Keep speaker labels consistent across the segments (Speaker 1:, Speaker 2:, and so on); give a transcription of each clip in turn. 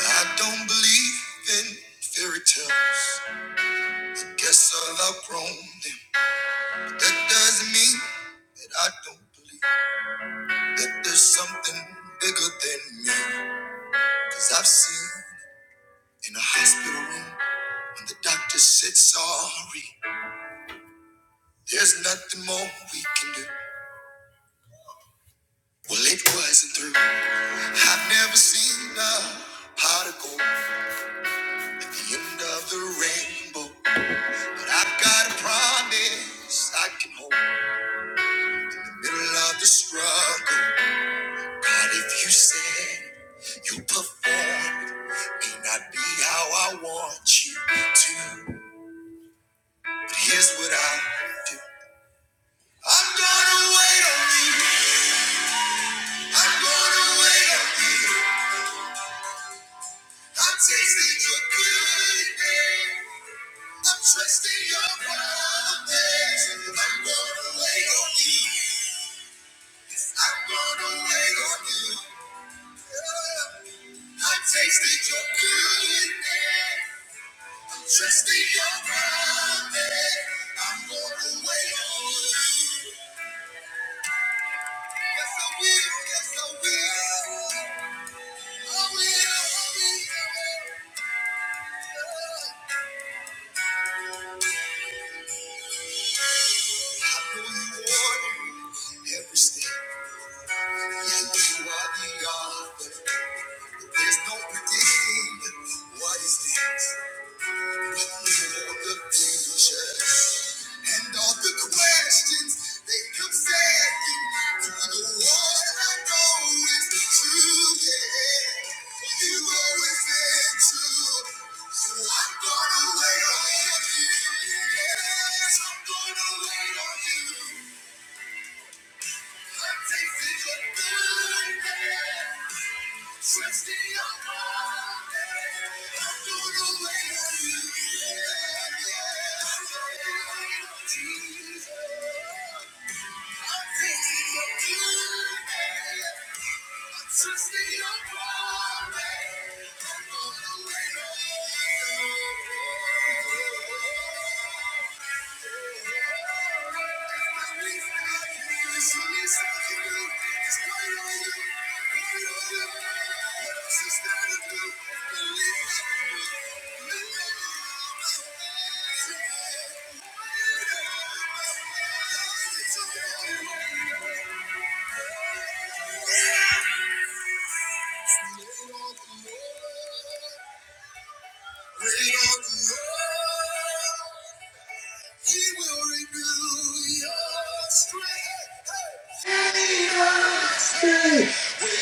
Speaker 1: I don't believe in fairy tales. I Guess I've outgrown them. But that doesn't mean that I don't believe that there's something bigger than me. Cause I've seen in a hospital room when the doctor said sorry. There's nothing more we can do. Well, it wasn't through. I've never seen a particle at the end of the rainbow. But I've got a promise I can hold. Middle of the struggle, God, if you said it, you perform it, may not be how I want you to, but here's what I do. I'm gonna wait on you. I'm gonna wait on you. I'm tasting your goodness. I'm trusting your promise. I'm gonna wait on you. Yes, I'm gonna wait on you. I tasted your goodness. I'm trusting your promise. I'm going to wait on you. Yes, I will. Yes, I will. I will. I will. I know you order every step. Yeah, you are the author. There's no predicting what is next. the future. And all the questions they come second to the one I know is true. Yeah, you always been true. So I'm gonna wait on you. Yes, I'm gonna wait on you. I'm tasting your goodness, trusting your love. Wait on the Lord. He will renew your strength. Hey. Thank you.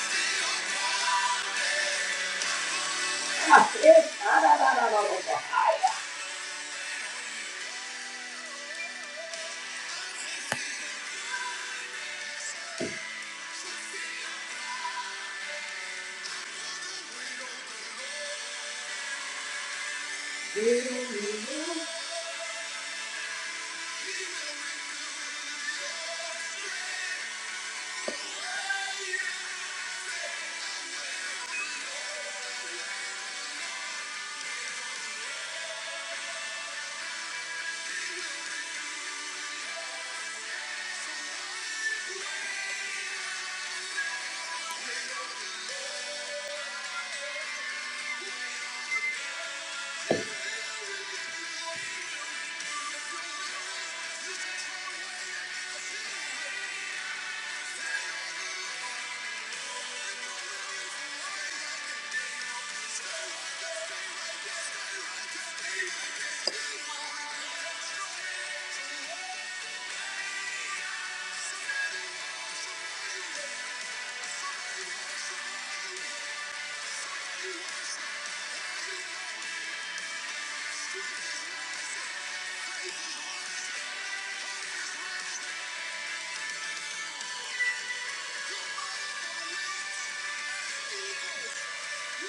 Speaker 1: I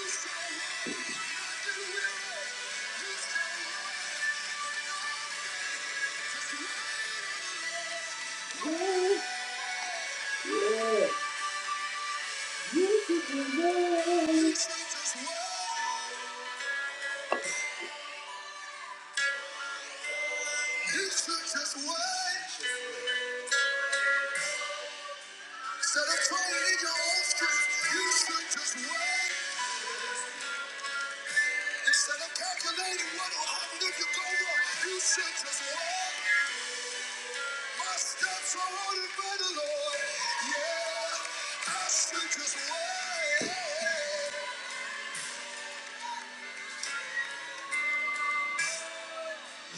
Speaker 1: see. Yeah, You Just wait. Even if, even if. you go wrong, you took us away. My steps are ordered by the Lord. Yeah, I took us away.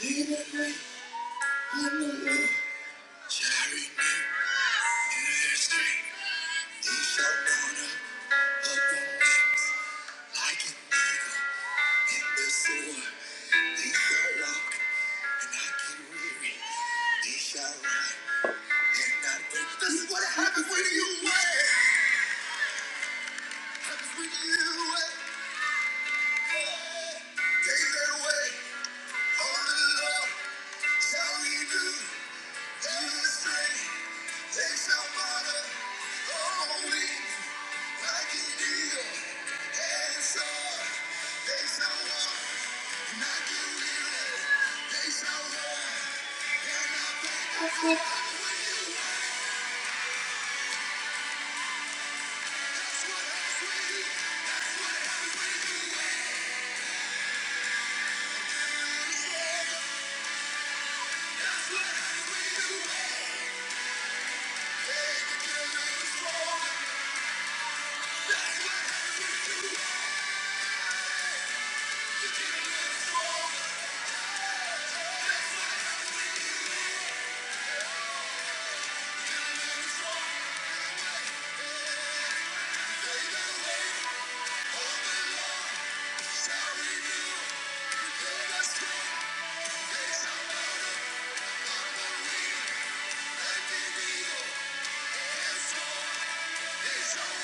Speaker 1: In the night, in the night. like This is what happens when you wait. Happens when you wait. Take that away. All the love shall we do. Let us pray. They shall follow all like an eagle. And so they shall walk and not get weary. They shall and not faint. That's what that's what what we do. what that's what we do. That's what we do. That's what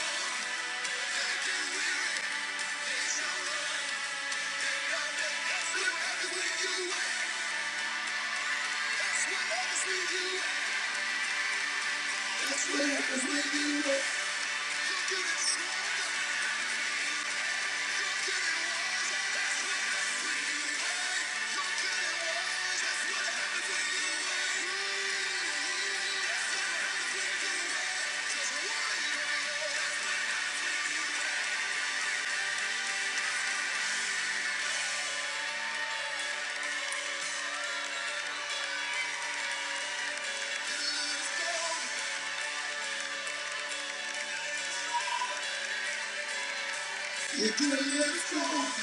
Speaker 1: You can live strong. You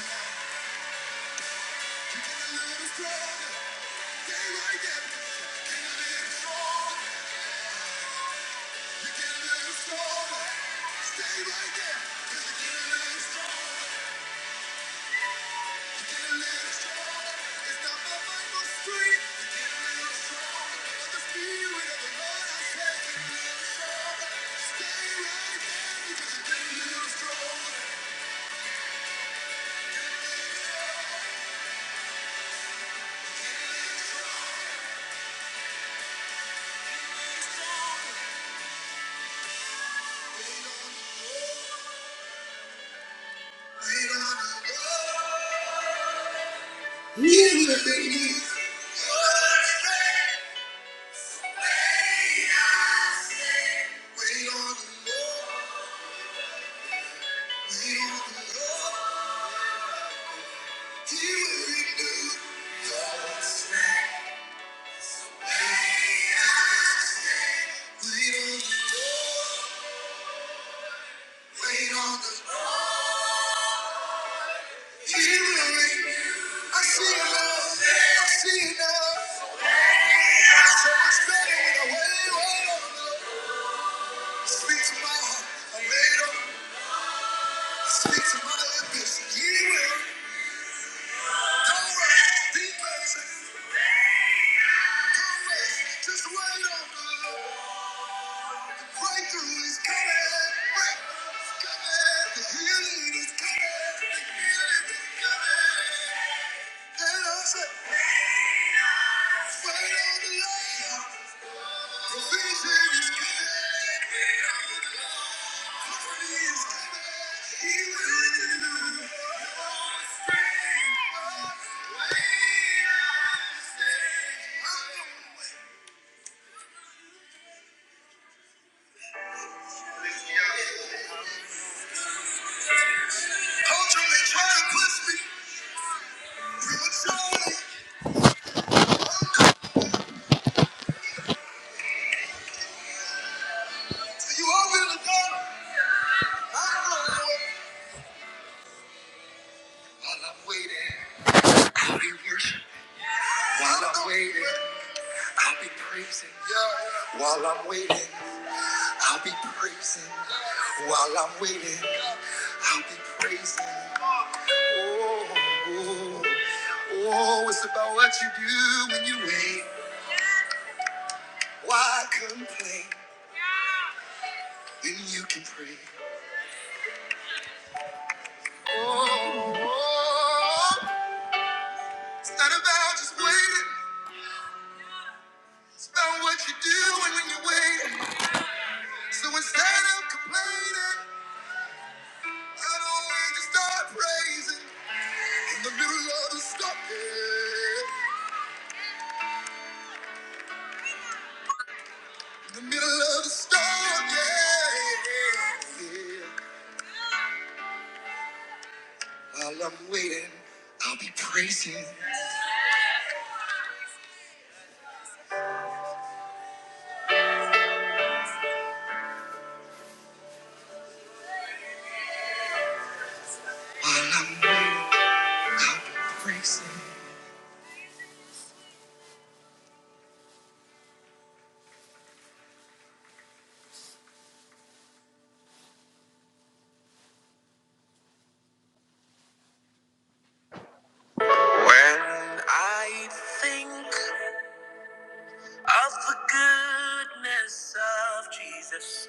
Speaker 1: can live strong. Day right there. You can live strong. You can live strong. Day right there. You can live strong. Wait on the I see it I see it now. So much better when I wait on the Lord. Speak to my heart. I laid on. Speak to my lips. He will. Don't rush. Be patient. do Just wait on the Lord. Breakthrough is coming. Breakthrough is coming. The healing is coming. The healing is coming. And I said, wait on the Lord. Provision is coming. While I'm waiting, I'll be praising. While I'm waiting, I'll be praising. Oh, oh, oh, oh, it's about what you do when you wait. Why complain when you can pray? Oh, oh, it's not about just waiting. It's about what you do when you're waiting. So instead of complaining, I don't want to start praising. In the middle of the storm, yeah. In the middle of the storm, yeah. yeah. While I'm waiting, I'll be praising. While I'm waiting, I'll be praising. When I think of the goodness of Jesus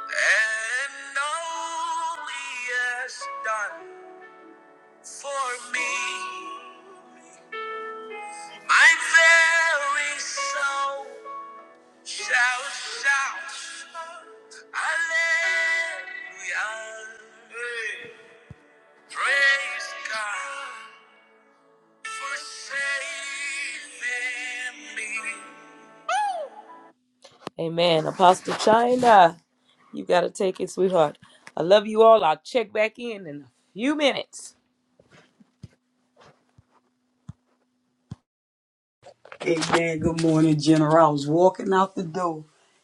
Speaker 1: and all he has done for me, my very soul shall shout Hallelujah. Praise God for saving me. Amen. Apostle China, you got to take it, sweetheart. I love you all. I'll check back in in a few minutes.
Speaker 2: Amen. Good morning, General. I was walking out the door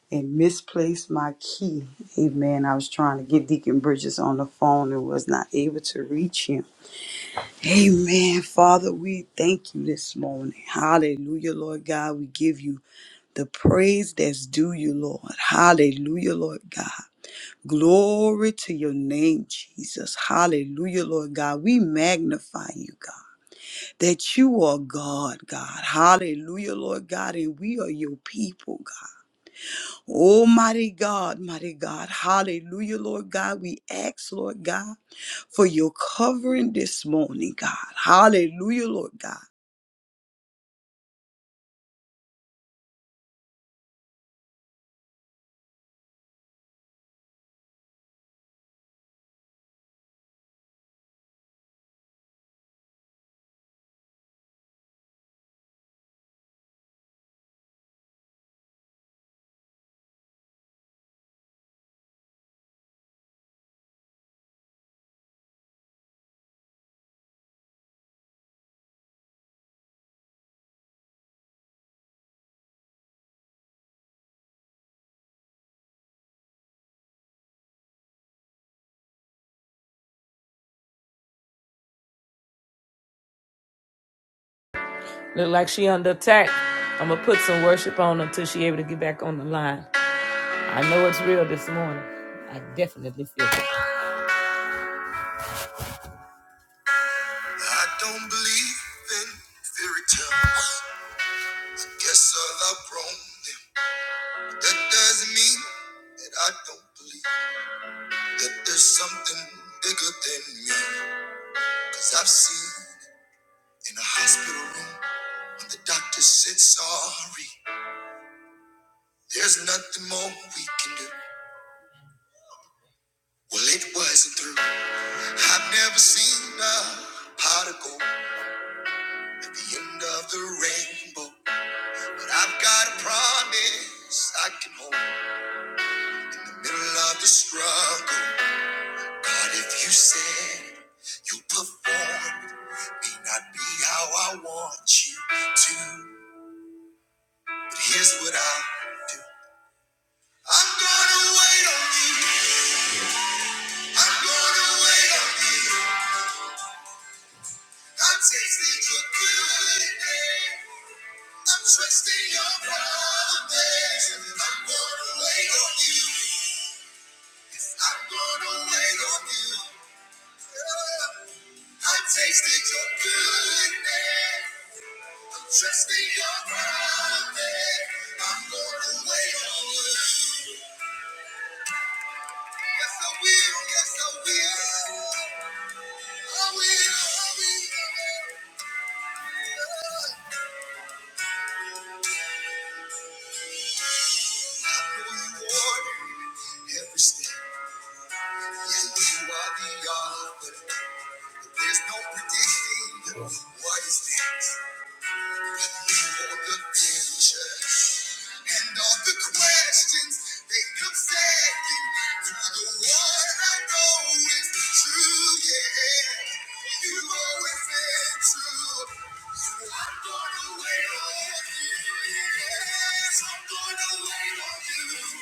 Speaker 2: and misplaced my key. Amen. I was trying to get Deacon Bridges on the phone and was not able to reach him. Amen. Father, we thank you this morning. Hallelujah, Lord God. We give you the praise that's due you, Lord. Hallelujah, Lord God. Glory to your name, Jesus. Hallelujah, Lord God. We magnify you, God that you are God, God. Hallelujah, Lord God, and we are your people, God. Almighty God, mighty God. Hallelujah, Lord God. We ask, Lord God, for your covering this morning, God. Hallelujah, Lord God.
Speaker 1: Look like she under attack. I'm going to put some worship on until she able to get back on the line. I know it's real this morning. I definitely feel it. I don't believe in fairy tales. Guess I'll outgrown them. that doesn't mean that I don't believe that there's something bigger than me. Cause I've seen In a hospital room, when the doctor said sorry, there's nothing more we can do. Well, it wasn't through. I've never seen a particle at the end of the rainbow. But I've got a promise I can hold in the middle of the struggle. God, if you said it, you perform it. May not be how I want you to, but here's what I do. I'm gonna wait on you. I'm gonna wait on you. I'm Yes, Yeah. your goodness. I'm trusting your promise. I'm gonna wait on you. Yes, I will. Yes, I will. I will. I will. Yeah. Every step, yeah, you are the author. There's no predicting what is next for the future. And all the questions they come second to the one I know is true, yeah. You always been true. So I'm gonna wait on you. Yes, I'm gonna wait on you.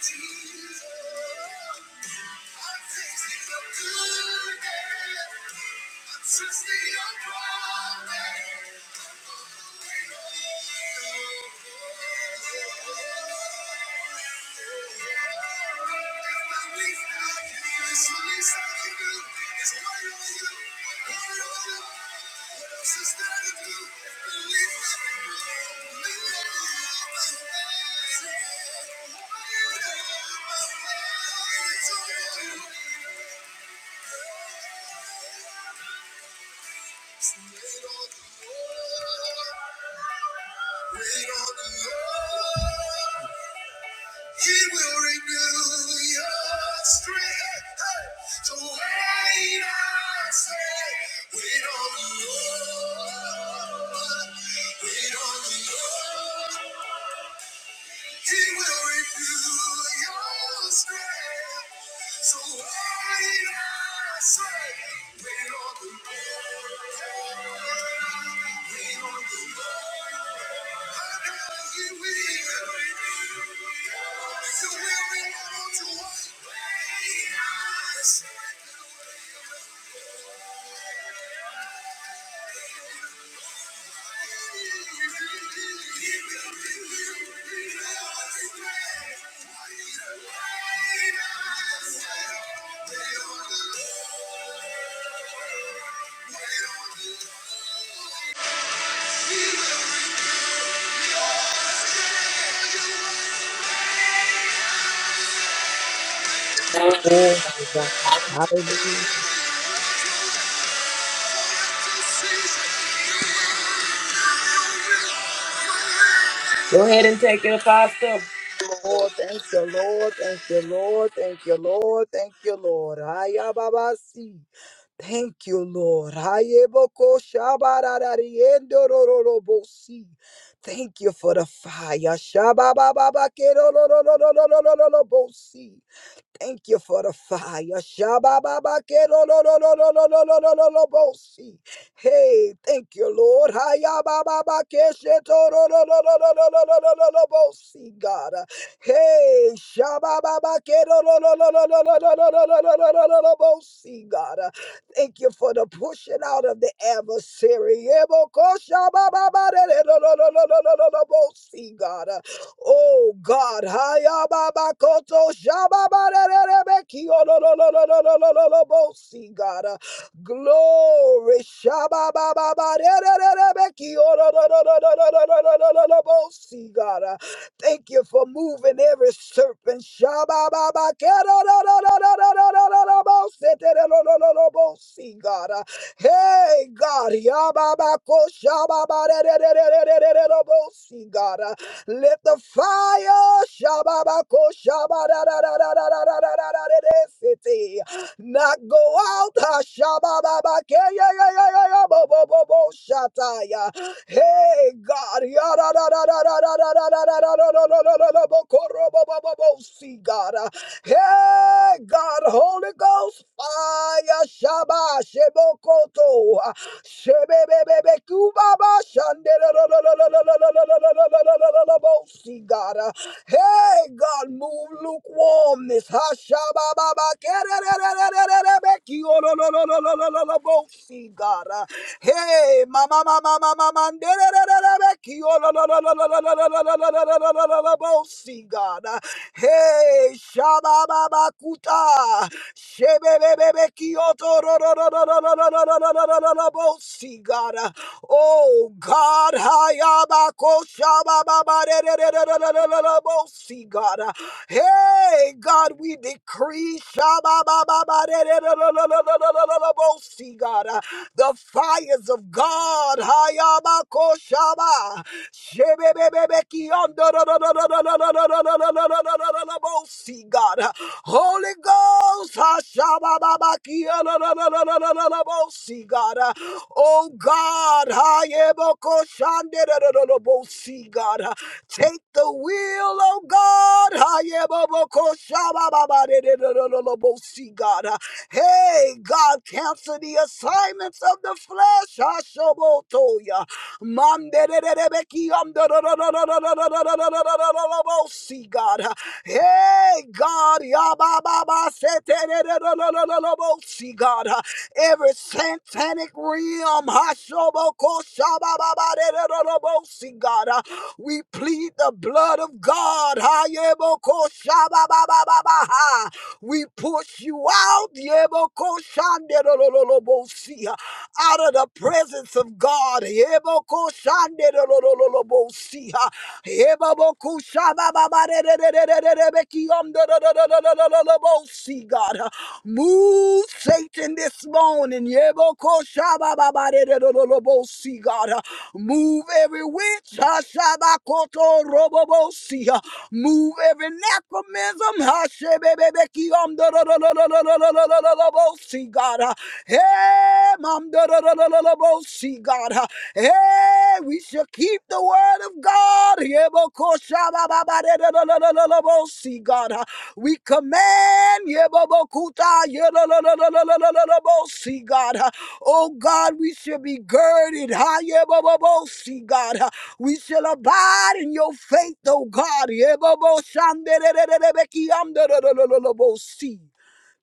Speaker 1: Jesus. It's my life, I can do. It's my life. Wait on the Lord. He will renew your strength. Hey, So wait, I say, wait on the Lord. Wait on the Lord. He will renew your strength. So why not say, wait on the Lord, wait on the Lord. I know He will renew your strength. So where we want to walk, Wait on the Lord.
Speaker 2: Glory to God. Hallelujah.
Speaker 1: Go ahead and take it, Apostle.
Speaker 2: Lord, thank you, Lord. Thank you, Lord. Thank you, Lord. Thank you, Lord. Ayababasi. Thank you, Lord. Hayeboko shabararari endorororobosi. Thank you for the fire. Shababababa kerorororororororobosi. Thank you for the fire. Shabababakerolololololololololobosi. Hey, thank you, Lord. Hayabababakeshetorolololololololololobosi, God. Hey, shabababakerolololololololololololobosi, God. Thank you for the pushing out of the adversary. Ebokoshabababaderolololololololobosi, God. Oh God, Hayababakoto Shababarerebekiolololololololobosi, God. Uh, Glory Shabababarerebekiololololololololobosi, God. Uh, Thank you for moving every serpent. Shabababakerolololololololobosi, God. Uh, Hey God, Yababako Shababarerebekiolololololobosi, God. Uh, See, God. uh, Hey, God, move lukewarmness. See, God. uh, Hey, mama, mama, mama, mama, See, God. uh, Hey, Shababa Kuta. See, God. uh, Oh, God. See, God. uh, Hey, God, we decree. See, God. The fires of God, holy Ghost, take the wheel, O God. Hey, God, cancel the assignments of the flesh. Ashobotoya. Mandererebeki amdorororororororororororororobosi, God. Hey, God. yabababasetererorororororobosi, God. Every satanic realm. Hashobokoshabababarerororobosi, God. We plead the blood of God. Hayebokoshababababaha. We push you out, Yebokoshanderololobosia, out of the presence of God. Yebokoshanderololobosia, Yebobokushabababarerererererebekiyomdororororororobosi, God. Move Satan this morning. Yebokoshabababarererererobosi, God. Move every witch. Hashabakoto robobosia. Move every necromism. See God. uh, Hey, mom. See God. uh, Hey, we shall keep the word of God. See God. uh, we command Yebobokuta, Yelolololololololobosi, God. huh? Oh God, we shall be girded. ha, Yebobobosi, God. huh? We shall abide in your faith, oh God. Yeboboshanderererebeki, amdererererebosi.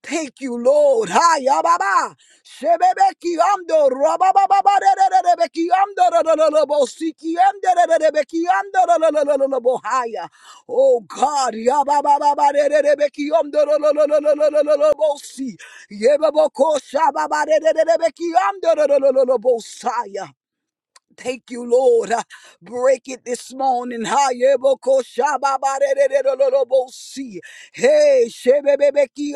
Speaker 2: Thank you, Lord. Hi, Ababa. Shebebeki ando, rabababa, rerebeki ando, rororobo, siki ando, rerebeki ando, rorororobo, haya. Oh God, yabababa, rerebeki ando, rorororobo, si. Yebeboko, shababa, rerebeki ando, rorororobo, saya. Thank you, Lord. Uh, Break it this morning. ha ye bo Si. Hey, shebebebe ki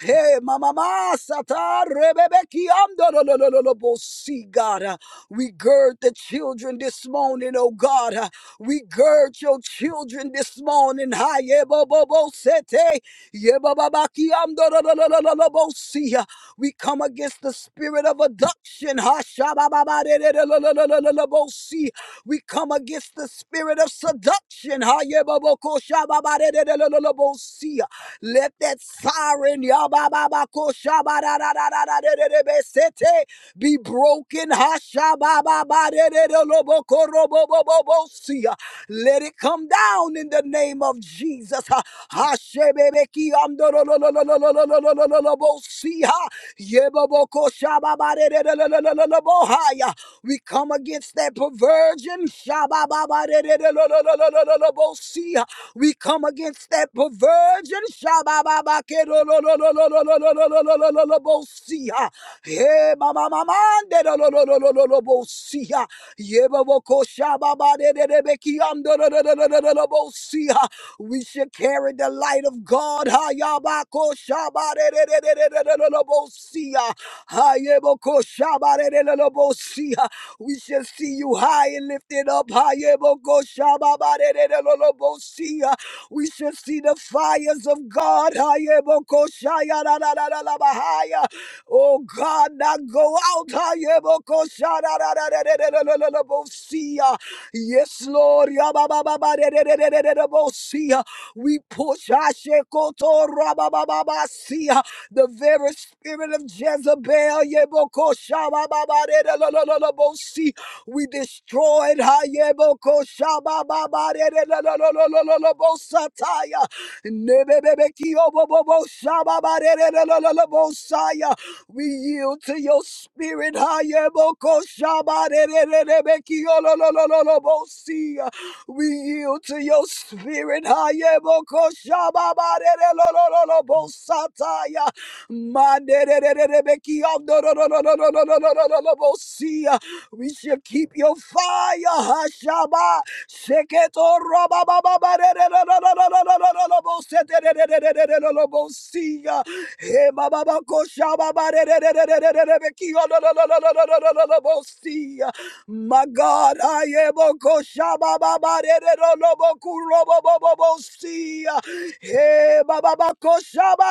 Speaker 2: Hey, mama sata rebebe God. Uh, We gird the children this morning, oh God. Uh, We gird your children this morning. Hi, yebo bo bo si. We come against the spirit of abduction. Hashabababadedelelelelelelebosi. We come against the spirit of seduction. Hayebabokoshababadedelelelelebosi. Let that siren yabababakoshabadadadadadadedebesete be broken. Hashabababaderelobokorobobobosia. Let it come down in the name of Jesus. Ha- Hashebebekiamdololololololololololobosia. Yebobokoshababaderelololololobohaya. We come against that perversion. Shabababaderelolololololololobosia. We come against that perversion. Shabababakerolololololololololobosia. Hey, mama, mama, de lo lo lo lo lo lo do bo siya. Ye bo bo ko sha ba ba de de de be ki am do lo lo lo lo lo lo do bo siya. We should carry the light of God. Ha ya ba ko sha ba de de de de de de de lo lo bo siya. Ha ye bo ko sha ba de de lo lo bo siya. We should see you high and lifted up. Ha ye bo ko sha ba ba de de de lo lo bo siya. We should see the fires of God. Ha ye bo ko sha ya da da da da la ba ha ya. Oh God, now go out. ah, yeboko shadadadadadadadadadadabosia. Yes, Lord. yababababadadadadadadadabosia. We push ashekoto rababababasia. the very spirit of Jezebel. yeboko shabababadadadadadadabosia. We destroyed hayeboko shabababadadadadadadadabosataya. Nebebekiyoboboboshababarerererererobosaya. We yield to your spirit. Hayebokoshabarerererebekiyololololobosia. We yield to your spirit. Hayebokoshababarererererobosataya. Mandererererebekiyondororororororororobosia. We shall keep your fire, Hashaba, Seketo Roba Baba Bosia, He Baba Koshaba Bosia. My God, I am Koshaba Baba Kurobo Bosia, He Baba Koshaba,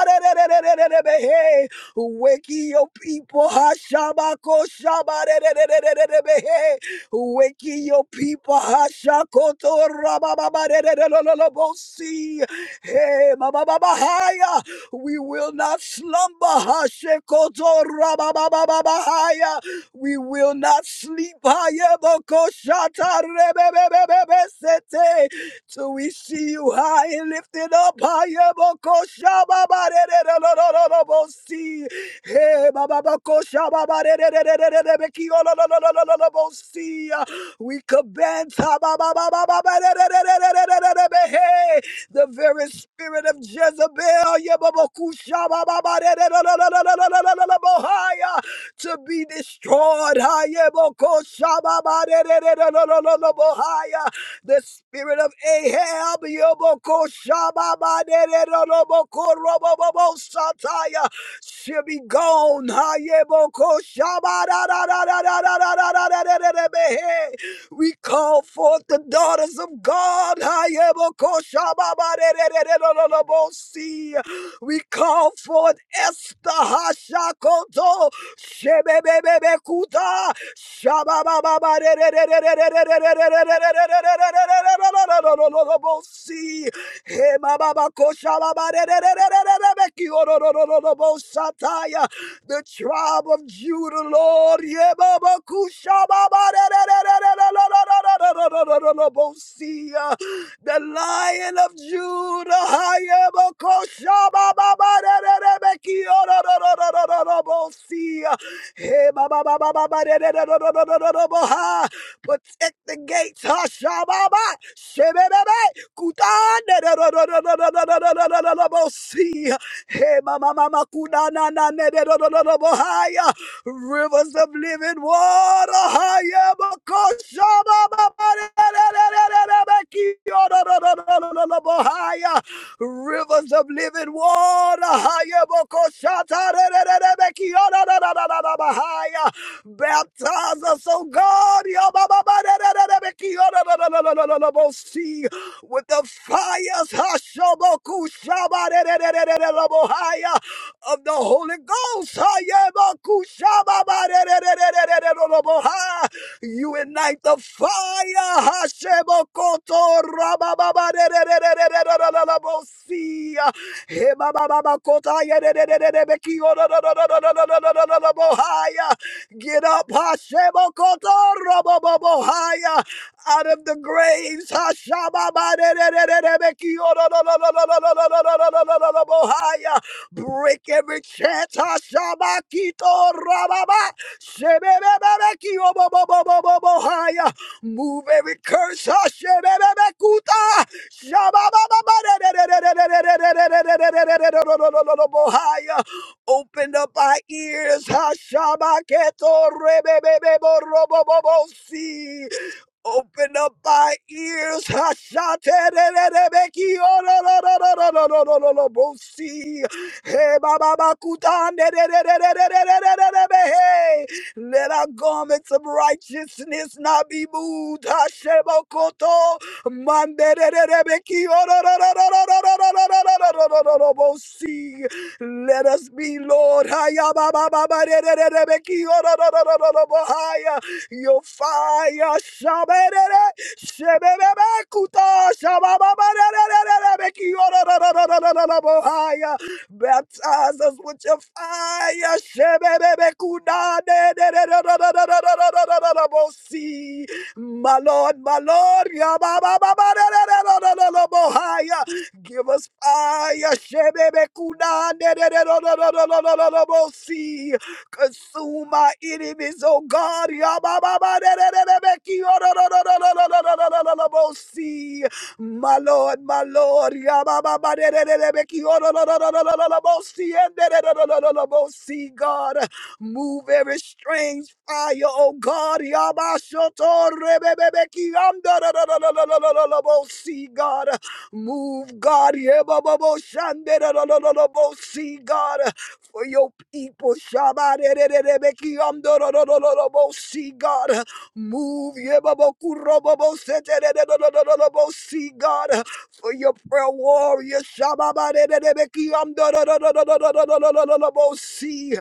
Speaker 2: hey, wake your people, Hashaba Koshaba. Weki your people. Hashakoto rabababaderelololobosi. Hey, mabababahaya. We will not slumber. Hashekoto rababababahaya. We will not sleep. Hayebokoshata rebebebebebesete. Till we see you high and lifted up. Hayebokoshababaderelololobosi. Hey, Baba Bako Shaba Ba Re Re Re Re Re Re Re Be Ki O Lo Lo Lo Lo Si. We command Ta Ba Ba Ba Ba Ba Ba Re Re Re Re Hey. the very spirit of Jezebel Ye Ba Ba Ku Shaba Ba Ba Re Re Lo Lo Lo Lo Lo Lo Lo Lo to be destroyed. Ha Ye Bo Ko Shaba Ba Re Re Re Re Lo Lo Lo the spirit of Ahab, Yoboko Shababaderoboko Robobobo Sataya, shall be gone. Hayeboko Shabadadadadadadadadadadadadadadadadadabehe. We call forth the daughters of God. Hayeboko Shababaderoboko See. We call forth Esther Hashakoto Shabababababereberebereberebereberebosi. Ebababakushababereberebereberebereberebosi. The tribe of Judah, Lord, ebabakushababereberebereberebereberebosi the lion of Judah. Hayabakoshabababarerebekiororororororobosia. Hey, bababababarereroboha. Protect the gates. Hashababa. Shebebebe. Kutandererorororororobosia. Hey, mamamama kunanananererorobohaya. Rivers of living water, higher, bokusha, baba, baba, baba, baba, baba, higher. Rivers of living water, higher, bokusha, baba, baba, baba, baba, baba, higher. Baptize us, oh God, baba, baba, baba, baba, baba, baba, see with the fires, hasho bokusha. Shabarererererebohaya of the Holy Ghost. Hayemakushabarererererebohaya. You ignite the fire. Hashebokoto rabababarerererererebosia. Hebabababakotayerererererebohaya. Get up. Hashebokoto rabababohaya out of the graves. Break every chance. Move every curse. Open up our ears. Open up my ears. Hey, Hey, Let our garments of righteousness not be moved. Hashebokoto. Let us be, Lord, haya ba ba ba ba de de de de be ki o do do do do do do bo haya. your fire. shabere, de de, shebe be be kuta, shaba ba de de de de de be ki o do do do do do do do bo haya. Baptize us with your fire. Aya shebebebe kudade de de de de de de de de de de de de bosi. My Lord, my Lord, ya ba ba ba ba de de de de de de bohaya. Give us fire, shebebe kudade de de de de de de de de de de bosi. Consume my enemies, oh God, ya ba ba ba de de de de de de de de de de de de de de de bosi. My Lord, my Lord. See, God, move every strange fire, oh God. See, God, move, God. See, God, for your people. See, God. Move Yebabakurobobosetededededededobo. see God for your prayer warriors. Shababadedededebekiamdododododododododobo. See,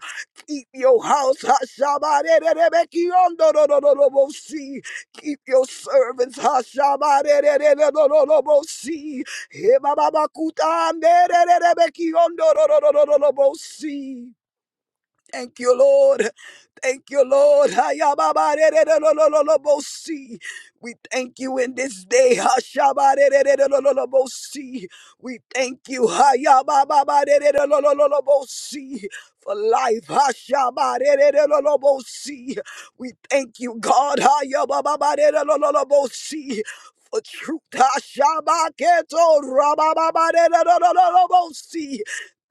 Speaker 2: keep your house. Hashabadedededebekiamdododododobo. See, keep your servants. Hashabadededededodododobo. See, Hebababakutamdedededebekiamdodododododobo. See. Thank you, Lord. Thank you, Lord. Ayababarererolololobosi. We thank you in this day. Hashabarererolololobosi. We thank you Hayababarererolololobosi, for life. Hashabarererolololobosi. We thank you, God. Hayababarererolololobosi, For truth, Hashabaketo rabababarererolololobosi.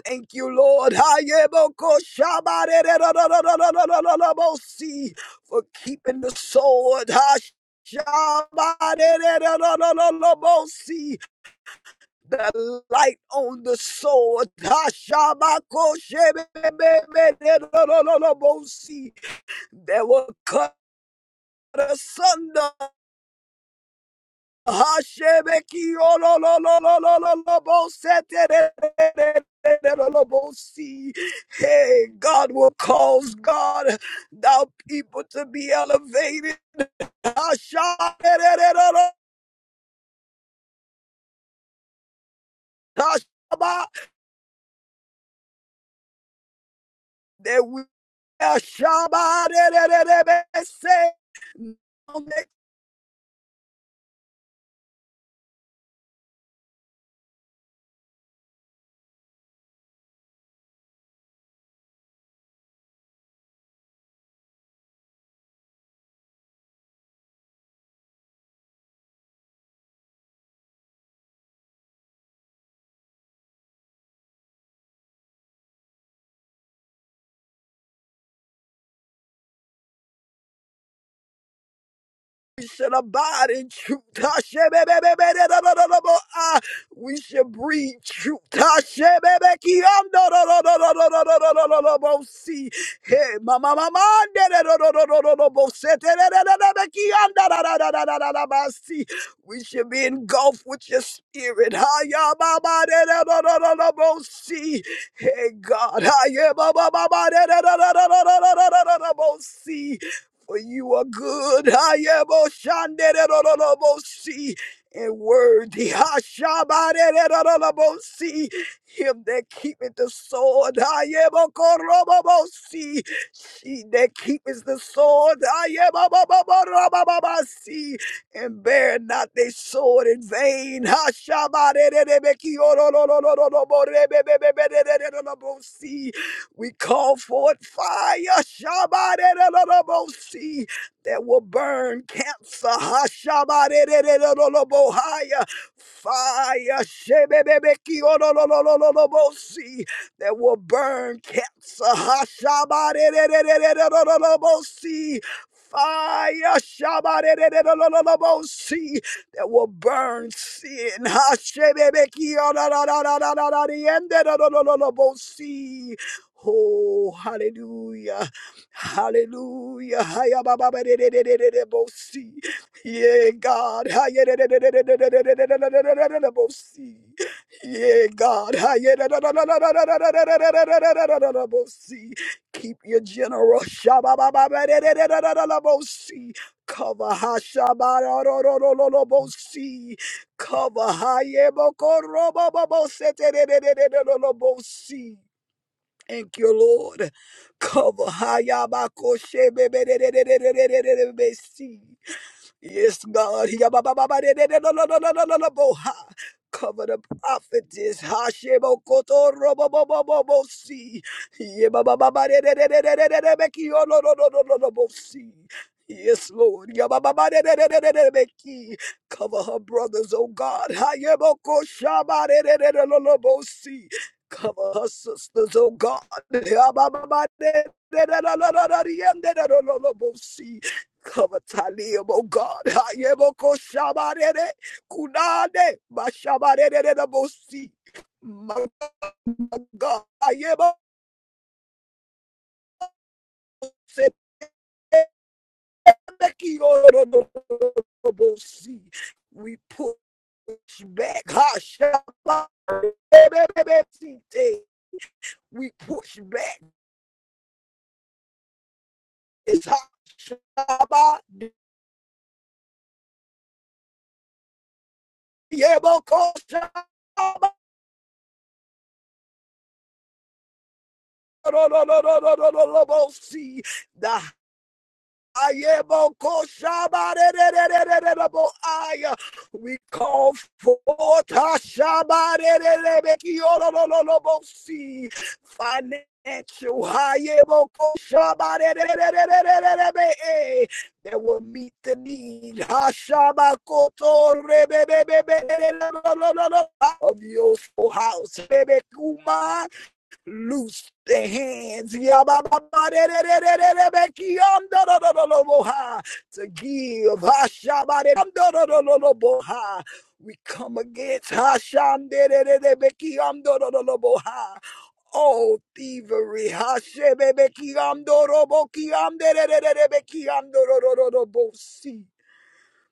Speaker 2: Thank you, Lord. Hayeboko shabarererororororororobosi, For keeping the sword. Ha- shabarererororororobosi, The light on the sword. Ha- shabako shebebebererorororobosi, That will cut asunder. Hashemeki ololololololobosete. Hey, God will cause God, thou people to be elevated. Hashamerererero- Hashaba, That we are Shaba. de de de de be se. We should abide in truth. Hashem-e-be-be-be-de-do-do-do-do-bo. Ah, We should breathe truth. Hashem-e-be-ki-am-do-do-do-do-do-do-do-do-do-do-bo. See, hey, mama, mama, de-de-do-do-do-do-do-bo. Se-te-de-de-de-de-be-ki-am-da-da-da-da-da-da-da-ba. See, we should be engulfed with your spirit. Ha-ya-ba-ba, de-de-do-do-do-do-bo. See, hey, God. Ha-ya-ba-ba-ba-ba, de-de-do-do-do-do-do-do-do-bo. See, for you are good. Ayeboshandererorobosi, And worthy. Hashabarererorobosi, Him that keepeth the sword. Ayebokorobobosi, She that keepeth the sword. Ayebobobobobobobasi, And bear not their sword in vain. Hashabarererebekiorororororoborebebebeberererorobosi, we call forth fire, Shabbat that will burn cancer, Hashabarerererobohaya. fire, Shebebebekiororororobosi, that will burn cancer, Hashabarerererobosi. fire, Shabarerererobosi, that will burn sin, Hashebebekiororororororororobosi. Oh, hallelujah. Hallelujah. Haya ba ba ba de de de de de de bo si. Yeah, God. Haya de de de de de de de de de de de de de de de de bo si. Yeah, God. Haya da da da da da da da da da da da da da da da da da da bo si. Keep your general. Shaba ba ba ba de de de de de de de bo si. Cover ha shaba ro ro ro ro ro ro bo si. Cover ha ye bo ko ro bo bo bo se te de de de de de de de bo si. Thank you, Lord. Cover. Hayabakoshebebebebebebebebebebebebebebebebebebe. Yes, God, cover the prophetess. Hashem, O Kotor, Obo, Obo, Obo, Obo, Osi. Yes, Lord, cover her brothers, O God. Hashem, O Koshaba, Obo, Obo, Obo, Obo, Osi. Cover her sisters, O God. Hashem, O Kotor, Obo, Obo, Obo, Obo, Cover Talium, oh God. Hayeboko shabarere, kunade, bashabarere na bosi. My God. Hayebo sepemeki oro no bosi. We push back. Hashabarere, we push back. It's hot. Shabba, yebo, ko, shabba, ro, ro, ro, ro, ro, ro, ro, see. Ayebokoshabarerererererebo-aya. We call forth Hashabarererebekiororororobosi. financial Ayebokoshabarerererererebe-e. that will meet the need Hashabakotorebebebebererererererebo- of your house. Loose the hands Yabba-ba-ba-de-de-de-de-de-de-be-ki-yam-da-da-da-da-da-bo-ha, to give. Ha-sha-ba-de-dam-da-da-da-da-da-bo-ha. We come against Ha-sham-de-de-de-de-be-ki-yam-da-da-da-da-bo-ha. all thievery. Ha-she-be-be-ki-yam-do-ro-bo-ki-yam-de-de-de-de-de-be-ki-yam-do-ro-ro-ro-ro-bo-si.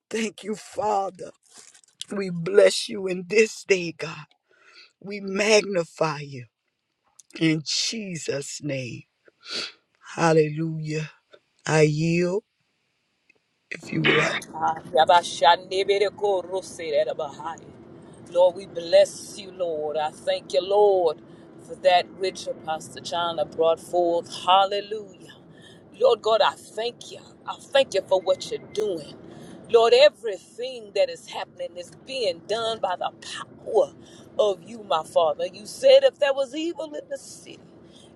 Speaker 2: Thank you, Father. We bless you in this day, God. We magnify you in Jesus' name. Hallelujah. I yield if you would like.
Speaker 1: Lord, we bless you, Lord. I thank you, Lord, for that which Pastor John brought forth. Hallelujah. Lord God, I thank you. I thank you for what you're doing. Lord, everything that is happening is being done by the power of you, my Father. You said if there was evil in the city,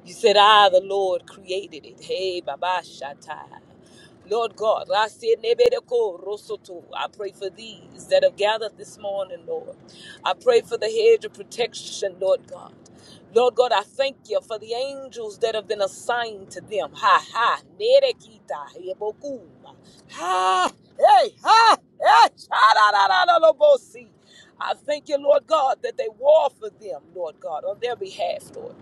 Speaker 1: you said, I, the Lord, created it. Hey, Baba Shatai. Lord God, Rasia Nebedeko Rosoto, I pray for these that have gathered this morning, Lord. I pray for the hedge of protection, Lord God. Lord God, I thank you for the angels that have been assigned to them. Ha ha. Nerekita hebokuma. Ha. Hey, ha. Hey, cha-da-da-da-da-da-bo-si. I thank you, Lord God, that they war for them, Lord God, on their behalf, Lord.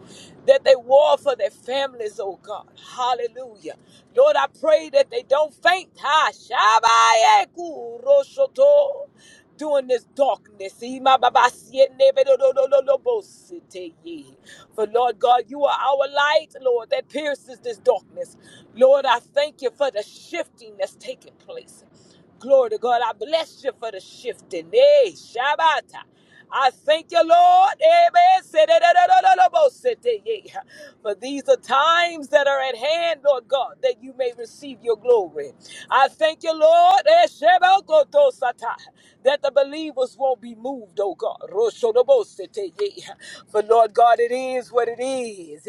Speaker 1: That they war for their families, oh God. Hallelujah. Lord, I pray that they don't faint. Ha Shabaye Kuroshoto. During this darkness. Imababasiye nebedodododobosite ye. For Lord God, you are our light, Lord, that pierces this darkness. Lord, I thank you for the shifting that's taking place. Glory to God. I bless you for the shifting. Hey, Shabbat. I thank you, Lord. Amen. Sedadadadadadabosete. Yeah. For these are times that are at hand, Lord God, that you may receive your glory. I thank you, Lord. Eh, Shebakotosata. That the believers won't be moved, oh God. Roshodobosete. Yeah. For Lord God, it is what it is.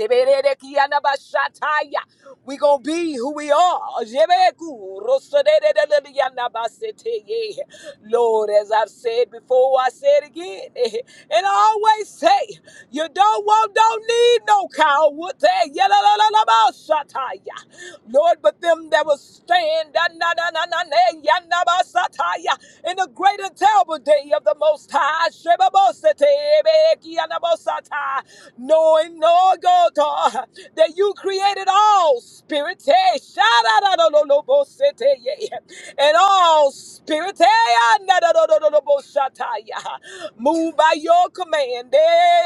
Speaker 1: We're going to be who we are. Jebeku, rosadedededediyanabasete, yeah. Lord, as I've said before, I say it again. And I always say, you don't want, don't need no coward. Hey, yalalalabausataya. Lord, but them that will stand na, na, na, na, na, na, yanabasataya, in the great and terrible day of the Most High. Shebabosete, bekianabosata. Knowing, no God. God, that you created all spirits, hey, sha-da-da-da-da-da-bo-se-te-ye, and all spirits, hey, ah-na-da-da-da-da-da-bo-sha-ta-ya, move by your command. eh,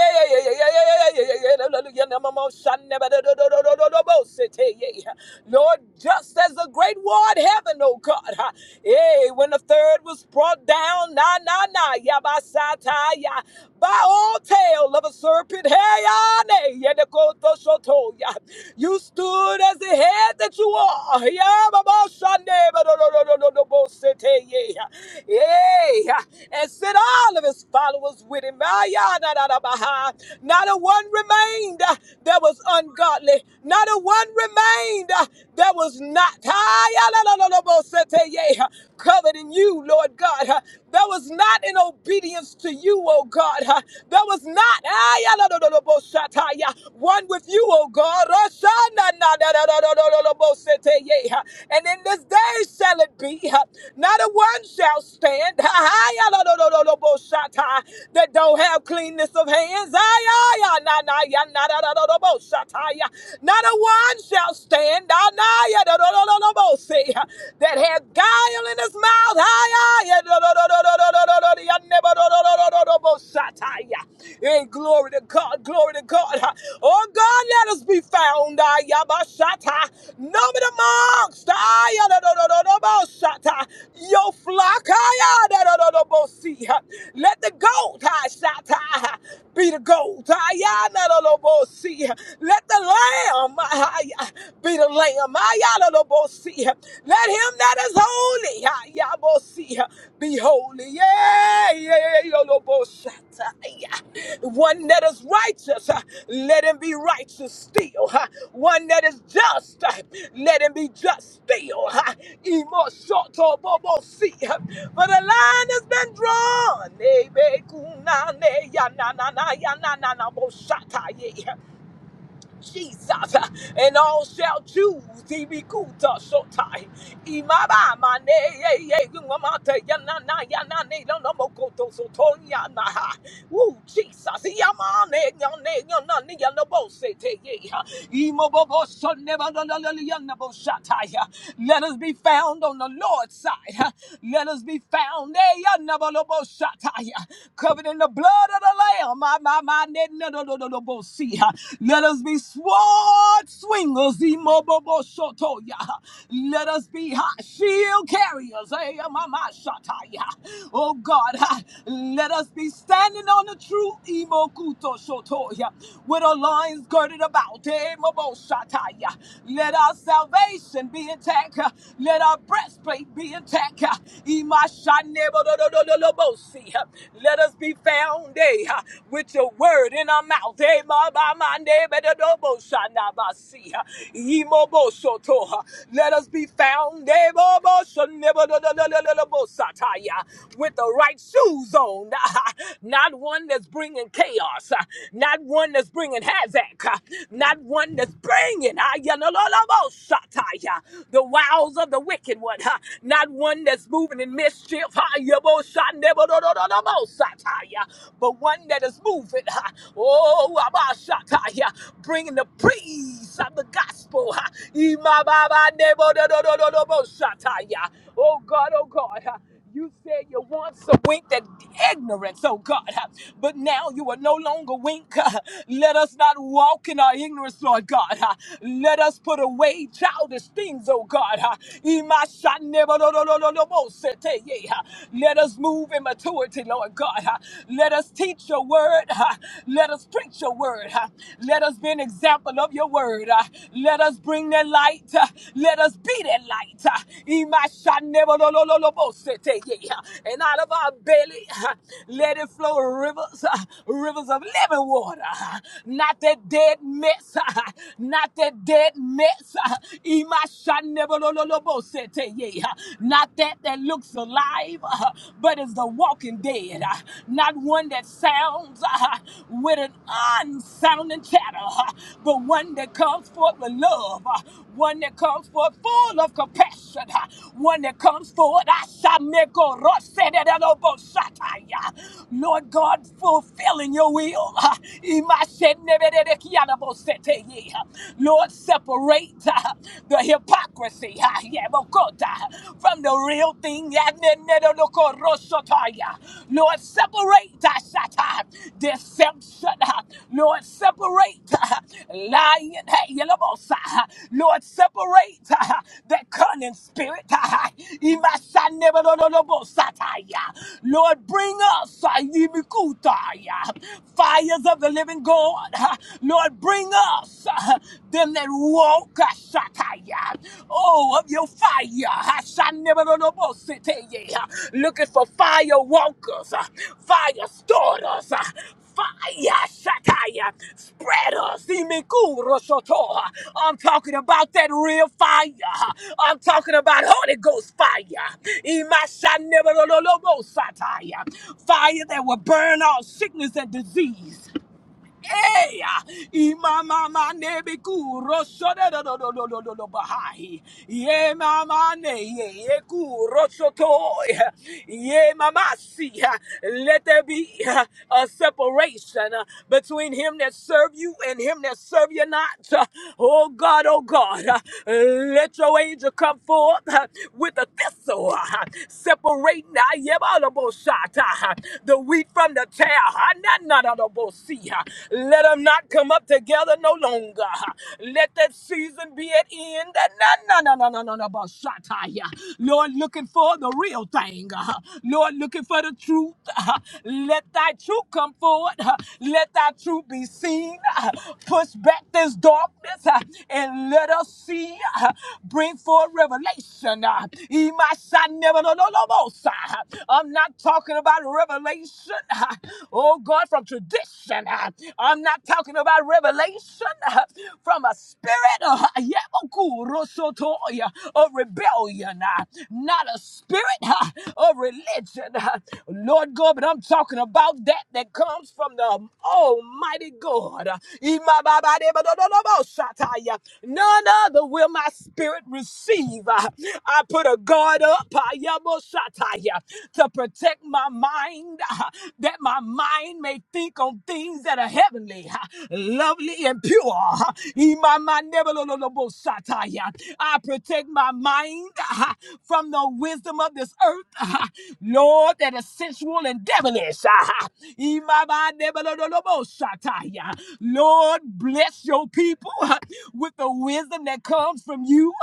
Speaker 1: Lord, just as the great war in heaven, oh God, ah, hey, when the third was brought down, na na na, yabasata, ya, by all tail of a serpent. Hey, yane, yedekoto shoto, ya. you stood as the head that you are. Yeah, baba, shande, ba, do, do, do, do, do, do, bo, sete, yeah. Yeah. And sent all of his followers with him. Ah, yeah, da, da, da, ba, ha. Not a one remained uh, that was ungodly. Not a one remained uh, that was not. Ah, yeah, la, la, la, la, bo, sete, yeah. Covered in you, Lord God. uh, that was not in obedience to you, oh God. huh? That was not ah, yeah, no, no, no, no, bo- shata, yeah, one with you, oh God. Roshana, na, na, na, na, na, na, na, na, bo- sete, yeah, huh? And in this day shall it be, huh? not a one shall stand ah, ah, yeah, no, no, no, no, no, bo- shata, that don't have cleanness of hands. Ah, yeah, yeah, na, na, yeah, na, na, na, na, na, bo- shata, yeah. Not a one shall stand. Ah, na, yeah, no, no, no, no, no, bo- see, huh? that had guile in his mouth. Hi, hi, do, do, do, Hey, glory to God, glory to God. Oh God, let us be found. ah, ya, ba, shata. Numbered amongst ah, ya, do, your flock. ah, ya, do, do, Let the goat ah, be the goat. ah, ya, do, do, Let the lamb ah, be be the lamb. Ayalabosi. Let him that is holy ayabosi, be holy. Yeah, yeah, yeah, yoloboshata. Yeah. One that is righteous, uh, let him be righteous still. huh? One that is just, uh, let him be just still. huh? Imoshotobobosi. For the line has been drawn. Nebekunane, ya, na, na, na, ya, na, na, na, boshata, yeah. Jesus, and all shall choose Ibikuta Shotai Imaba Mane ye ye Yumamata Yanana Yanane no Mokoto Sotonya Naha Woo Jesus Yamane Yane Yanani Yanabo Sete Ye Imobobo Son Never Yanabo shataya. Let us be found on the Lord's side Let us be found eh, Yanabolobo shataya. covered in the blood of the Lamb. My, my, my, let us be sword swingers. imobobo Let us be shield carriers. Hey, Oh God, let us be standing on the true Imokuto Shotoya with our loins girded about. Hey, Let our salvation be intact. Let our breastplate be intact. ha. Let us be found sound day huh, with your word in our mouth. Eh, ma, ma, ma, ne, be, do, do, bo, sha, na, ba, si, huh. Ye, mo, bo, sho, to, huh. Let us be found eh, bo, bo, sha, ne, bo, do, do, do, do, do, do, bo, sa, ta, ya, with the right shoes on. Not one that's bringing chaos. huh. Not one that's bringing havoc. huh. Not one that's bringing ah, ya, no, no, no, bo, sha, ta, ya, the wiles of the wicked one. huh. Not one that's moving in mischief. huh? but one that is moving. ha. Oh, Abashataya, bringing the praise of the gospel. ha. Imababa-nebo-do-do-do-do-do-bo-shataya. Oh God, oh God. ha. You said you once winked at ignorance, oh God, but now you are no longer wink. Let us not walk in our ignorance, Lord God. Let us put away childish things, oh God. ha. Let us move in maturity, Lord God. Let us teach your word. Let us preach your word. Let us be an example of your word. Let us bring that light. Let us be that light. ha. Imashanebolololobosete, yeah. And out of our belly, let it flow rivers, rivers of living water. Not that dead mess. Not that dead mess. Not that that looks alive, uh, but is the walking dead. uh, Not one that sounds uh, with an unsounding chatter, uh, but one that comes forth with love, uh, one that comes forth full of compassion, uh, one that comes forth. Ashameko rosedededobosataya. Lord God, fulfilling your will. uh, Imashenebededekianaboseteye. Lord, separate separate uh, the hypocrisy uh, yeah, but God, uh, from the real thing. yeah, ne- ne- no- no- ko- ro- so- ta- yeah. Lord, separate uh, shut, uh, deception. uh, Lord, separate uh, lying. Hey, yellow boss, uh, Lord, separate uh, the cunning spirit. uh, Ima- sa- ne- no- no- no- no- bo- sa- yeah. Lord, bring us uh, yimi- yeah, fires of the living God. uh, Lord, bring bring us, uh, them that walk, Ashakaya, oh, of your fire, Hashaneberonobositeye, uh, looking for fire walkers, uh, fire starters, uh, fire, Shakaya, spreaders, Imikurosoto, uh, I'm talking about that real fire, uh, I'm talking about Holy Ghost fire, Imashaneberonolobosataya, fire that will burn all sickness and disease. Imama nebeku rosho da do do do do do do da bahai. Ye mama ne ye eku ku toy. Ye mama see. Let there be a separation uh, between him that serve you and him that serve you not. uh. Oh God, oh God, uh, let your angel come forth uh, with a thistle, uh, separating uh, yebalabosata, uh, the wheat from the tare. Let them not come up together no longer. Let that season be at end. Na- na- na- na- na- na- ba- shataya. Lord, looking for the real thing. Lord, looking for the truth. Let thy truth come forward. Let thy truth be seen. Push back this darkness and let us see. Bring forth revelation. Imasa- never- no- no- no- no- no. I'm not talking about revelation. Oh oh God, from tradition. Uh, I'm not talking about revelation uh, from a spirit uh, of rebellion, uh, not a spirit uh, of religion. uh, Lord God, but I'm talking about that that comes from the Almighty God. Uh, None other will my spirit receive. Uh, I put a guard up uh, to protect my mind. uh, that my mind may think on things that are heavenly, lovely, and pure. I protect my mind from the wisdom of this earth, Lord, that is sensual and devilish. Lord, bless your people with the wisdom that comes from you.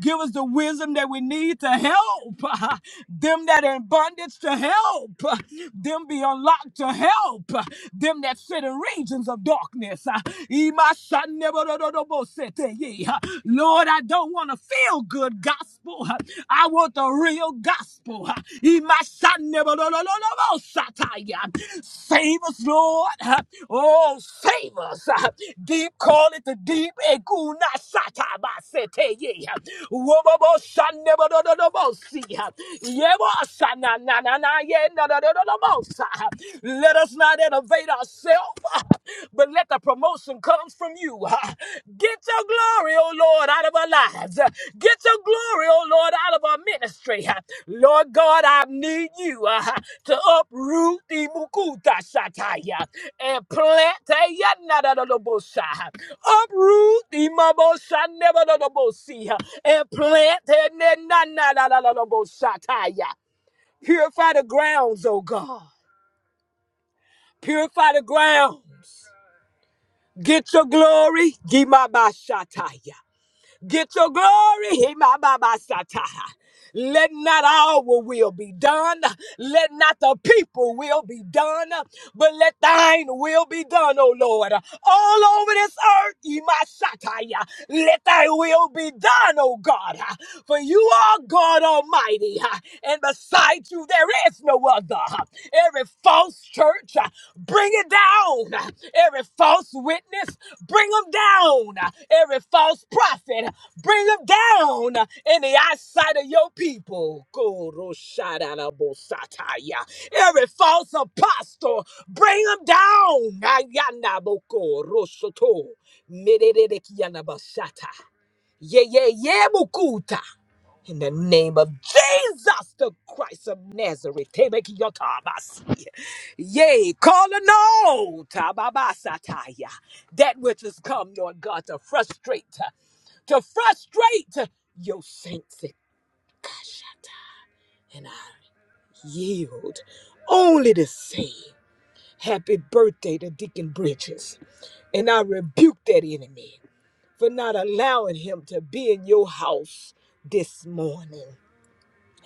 Speaker 1: Give us the wisdom that we need to help them that are in bondage to help uh, them be unlocked to help uh, them that sit in regions of darkness. uh, yeah. Lord, I don't want to feel good gospel. uh, I want the real gospel. uh, Save us, Lord. uh, Oh, save us. uh, Deep, call it the deep. Ekunashatabasete, yeah. Wobobo shan nebo do do do bo si. Yebo shan na na let us not elevate ourselves, but let the promotion come from you. Get your glory, oh Lord, out of our lives. Get your glory, oh Lord, out of our ministry. Lord God, I need you uh, to uproot the mukuta shataya and plant a yanadadadabosha. Uproot the mabosha never and plant a nanadadadaboshataya. Purify the grounds, oh God. Purify the grounds. Get your glory. Gimabashataya. Get your glory. Himababasataya. Let not our will be done. Let not the people will be done, but let thine will be done, O Lord. All over this earth, Imashataya. Let thy will be done, O God. For you are God Almighty, and beside you there is no other. Every false church. uh, Bring it down. uh, Every false witness, bring them down. uh, Every false prophet, bring them down uh, in the eyesight of your people. Koroshadabosataya. Every false apostle, bring them down. Ayanabokorosoto. Merererekianabasata. Yeah, yeah, yeah, Bukuta. In the name of Jesus, the Christ of Nazareth, Tebekiyotabasi. yea, call a no, Tababasataya. that which has come, Lord God, to frustrate, to frustrate your saints. And I yield only the same. Happy birthday to Deacon Bridges. And I rebuke that enemy for not allowing him to be in your house this morning.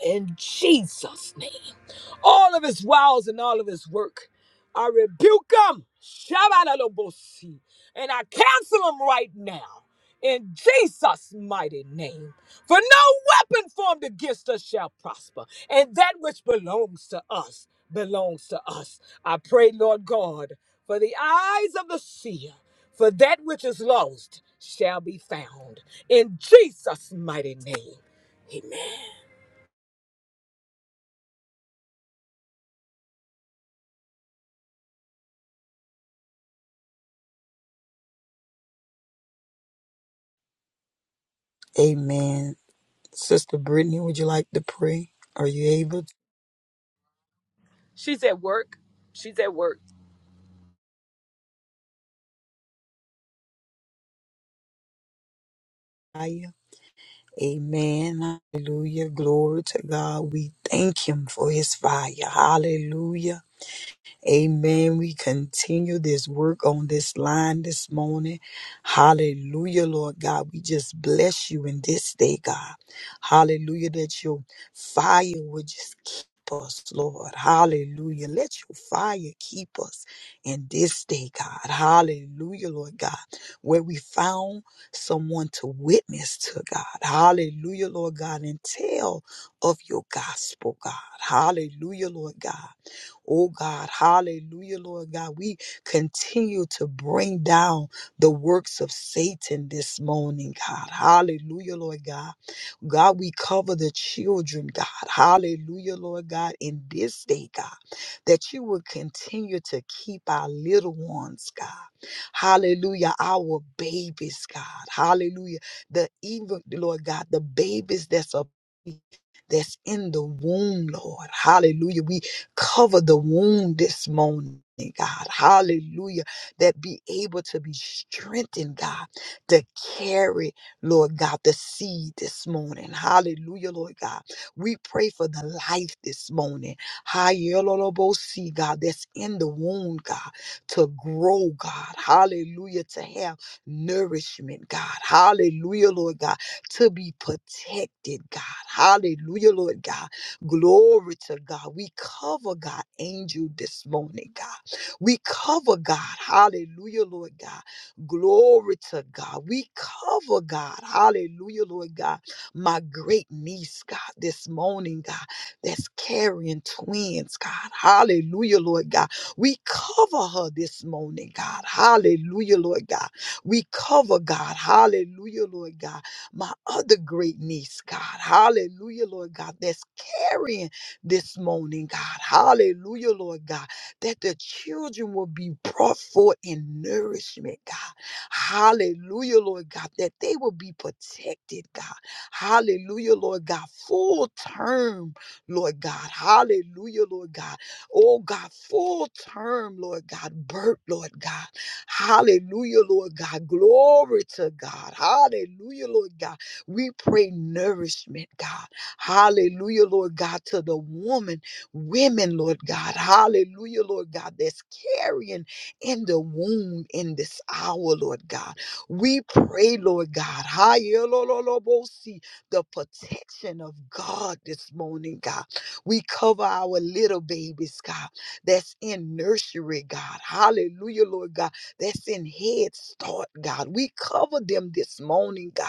Speaker 1: in Jesus' name. All of his wiles and all of his work, I rebuke him. Shabbatalobosi. And I cancel him right now in Jesus' mighty name. For no weapon formed against us shall prosper, and that which belongs to us belongs to us. I pray, Lord God, for the eyes of the seer, for that which is lost shall be found in Jesus' mighty name. Amen.
Speaker 2: Amen. Sister Brittany, would you like to pray? Are you able to?
Speaker 1: She's at work. She's at work.
Speaker 2: Fire? Amen. Hallelujah. Glory to God. We thank Him for His fire. Hallelujah. Amen. We continue this work on this line this morning. Hallelujah, Lord God. We just bless you in this day, God. Hallelujah, that your fire would just keep us, Lord. Hallelujah. Let your fire keep us in this day, God. Hallelujah, Lord God. Where we found someone to witness to, God. Hallelujah, Lord God, and tell of your gospel, God. Hallelujah, Lord God. Oh God, hallelujah, Lord God. We continue to bring down the works of Satan this morning, God. Hallelujah, Lord God. God, we cover the children, God. Hallelujah, Lord God, in this day, God, that you will continue to keep our little ones, God. Hallelujah, our babies, God. Hallelujah. The even, Lord God, the babies that's a that's in the womb, Lord. Hallelujah. We Cover the wound this morning. God, hallelujah, that be able to be strengthened, God, to carry, Lord God, the seed this morning. Hallelujah, Lord God. We pray for the life this morning. Hallelujah, God, that's in the wound, God, to grow, God. Hallelujah, to have nourishment, God. Hallelujah, Lord God, to be protected, God. Hallelujah, Lord God Glory to God. We cover God, angel this morning, God. We cover God. Hallelujah, Lord God. Glory to God. We cover God. Hallelujah, Lord God. My great niece, God, this morning, God, that's carrying twins, God. Hallelujah, Lord God. We cover her this morning, God. Hallelujah, Lord God. We cover God. Hallelujah, Lord God my other great niece, God. Hallelujah, Lord God. That's carrying this morning, God. Hallelujah, Lord God. That the children will be brought forth in nourishment, God. Hallelujah, Lord God. That they will be protected, God. Hallelujah, Lord God. Full term, Lord God. Hallelujah, Lord God. Oh, God. Full term, Lord God. Birth, Lord God. Hallelujah, Lord God. Glory to God. Hallelujah, Lord God we pray nourishment, God. Hallelujah, Lord God, to the woman, women, Lord God. Hallelujah, Lord God, that's carrying in the womb in this hour, Lord God. We pray, Lord God, Hayelololobosi, the protection of God this morning, God. We cover our little babies, God, that's in nursery, God. Hallelujah, Lord God, that's in Head Start, God. We cover them this morning, God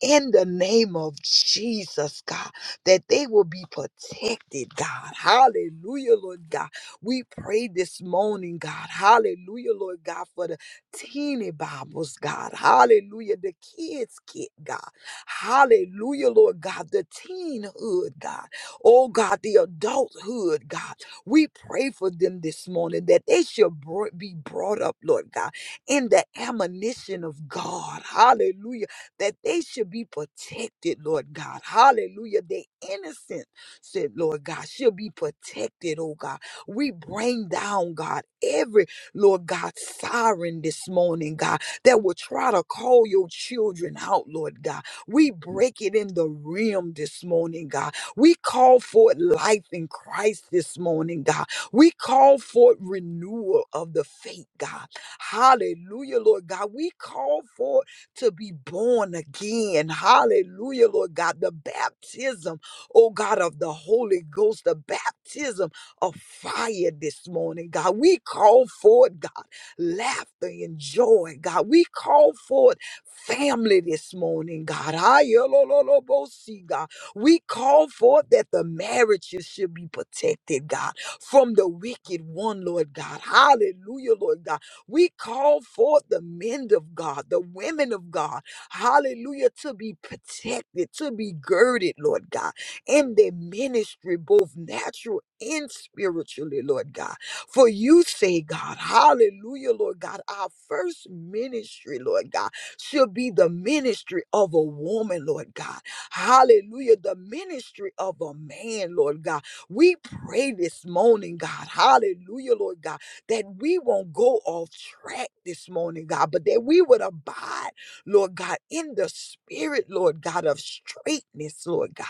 Speaker 2: in the name of Jesus, God, that they will be protected, God. Hallelujah, Lord God. We pray this morning, God. Hallelujah, Lord God, for the teeny Bibles, God. Hallelujah, the kids' kit, God. Hallelujah, Lord God, the teenhood, God. Oh, God, the adulthood, God. We pray for them this morning that they should bro- be brought up, Lord God, in the admonition of God. Hallelujah that they should be protected, Lord God. Hallelujah. They innocent, said Lord God, should be protected, oh God. We bring down, God, every, Lord God, siren this morning, God, that will try to call your children out, Lord God. We break it in the realm this morning, God. We call for life in Christ this morning, God. We call for renewal of the faith, God. Hallelujah, Lord God. We call for to be born again. Hallelujah, Lord God. The baptism, oh God, of the Holy Ghost, the baptism of fire this morning, God. We call forth, God, laughter and joy, God. We call forth family this morning, God. Ayolololobosi, God. We call forth that the marriages should be protected, God, from the wicked one, Lord God. Hallelujah, Lord God we call forth the men of God, the women of God, hallelujah, to be protected, to be girded, Lord God, in their ministry, both natural and spiritually, Lord God. For you say, God, hallelujah, Lord God, our first ministry, Lord God, should be the ministry of a woman, Lord God. Hallelujah, the ministry of a man, Lord God. We pray this morning, God, hallelujah, Lord God that we won't go off track this morning, God, but that we would abide, Lord God, in the spirit, Lord God, of straightness, Lord God,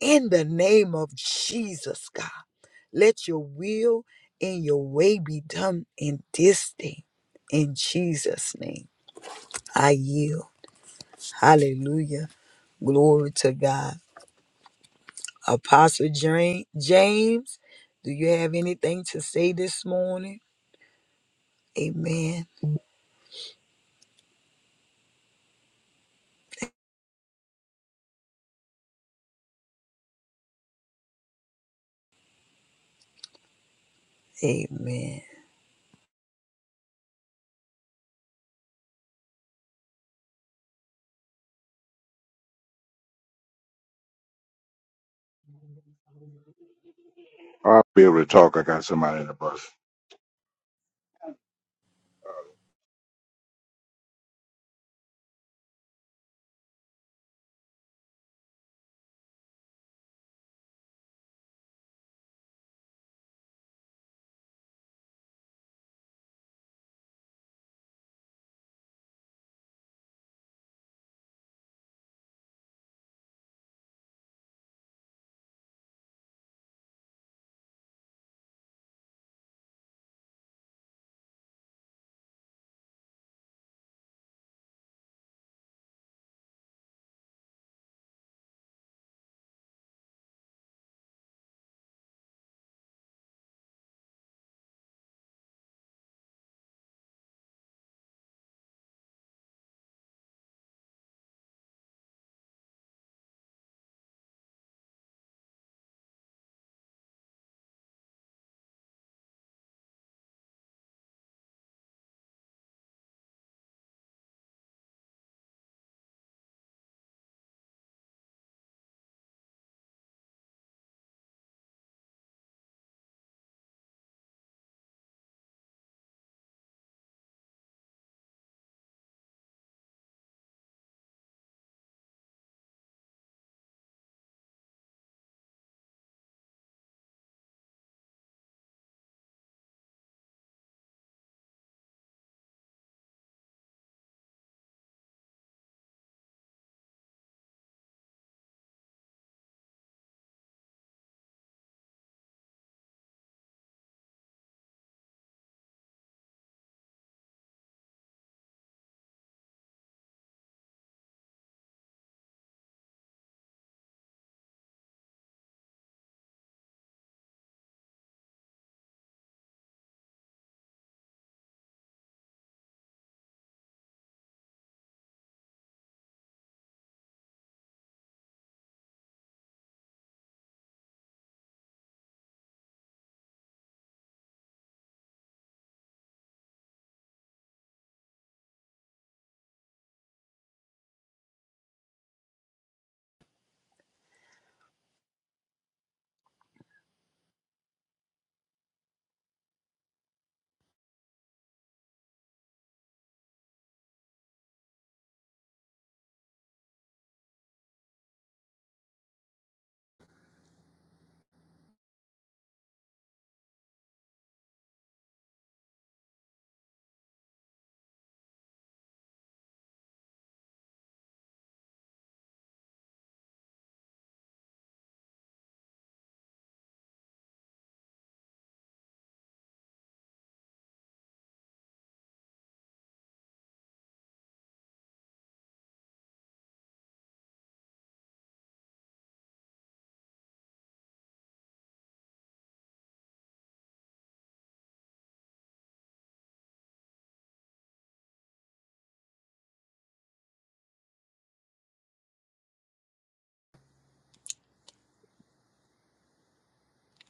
Speaker 2: in the name of Jesus, God. Let your will and your way be done in this day, in Jesus' name. I yield. Hallelujah. Glory to God. Apostle Jane- James, do you have anything to say this morning? Amen. Amen.
Speaker 3: I'll be able to talk. I got somebody in the bus.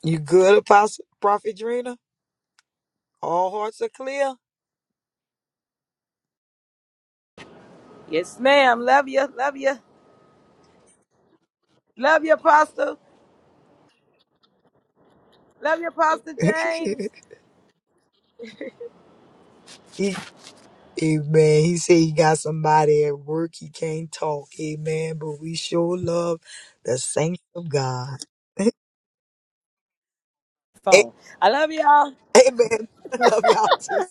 Speaker 2: You good, Apostle Prophet Drina? All hearts are clear.
Speaker 1: Yes, ma'am. Love you. Love you. Love you, Apostle. Love you, Apostle James.
Speaker 2: He- Amen. He said he got somebody at work. He can't talk. Amen. But we sure love the saints of God. A-
Speaker 1: Phone. I love y'all.
Speaker 2: Amen. I love y'all too.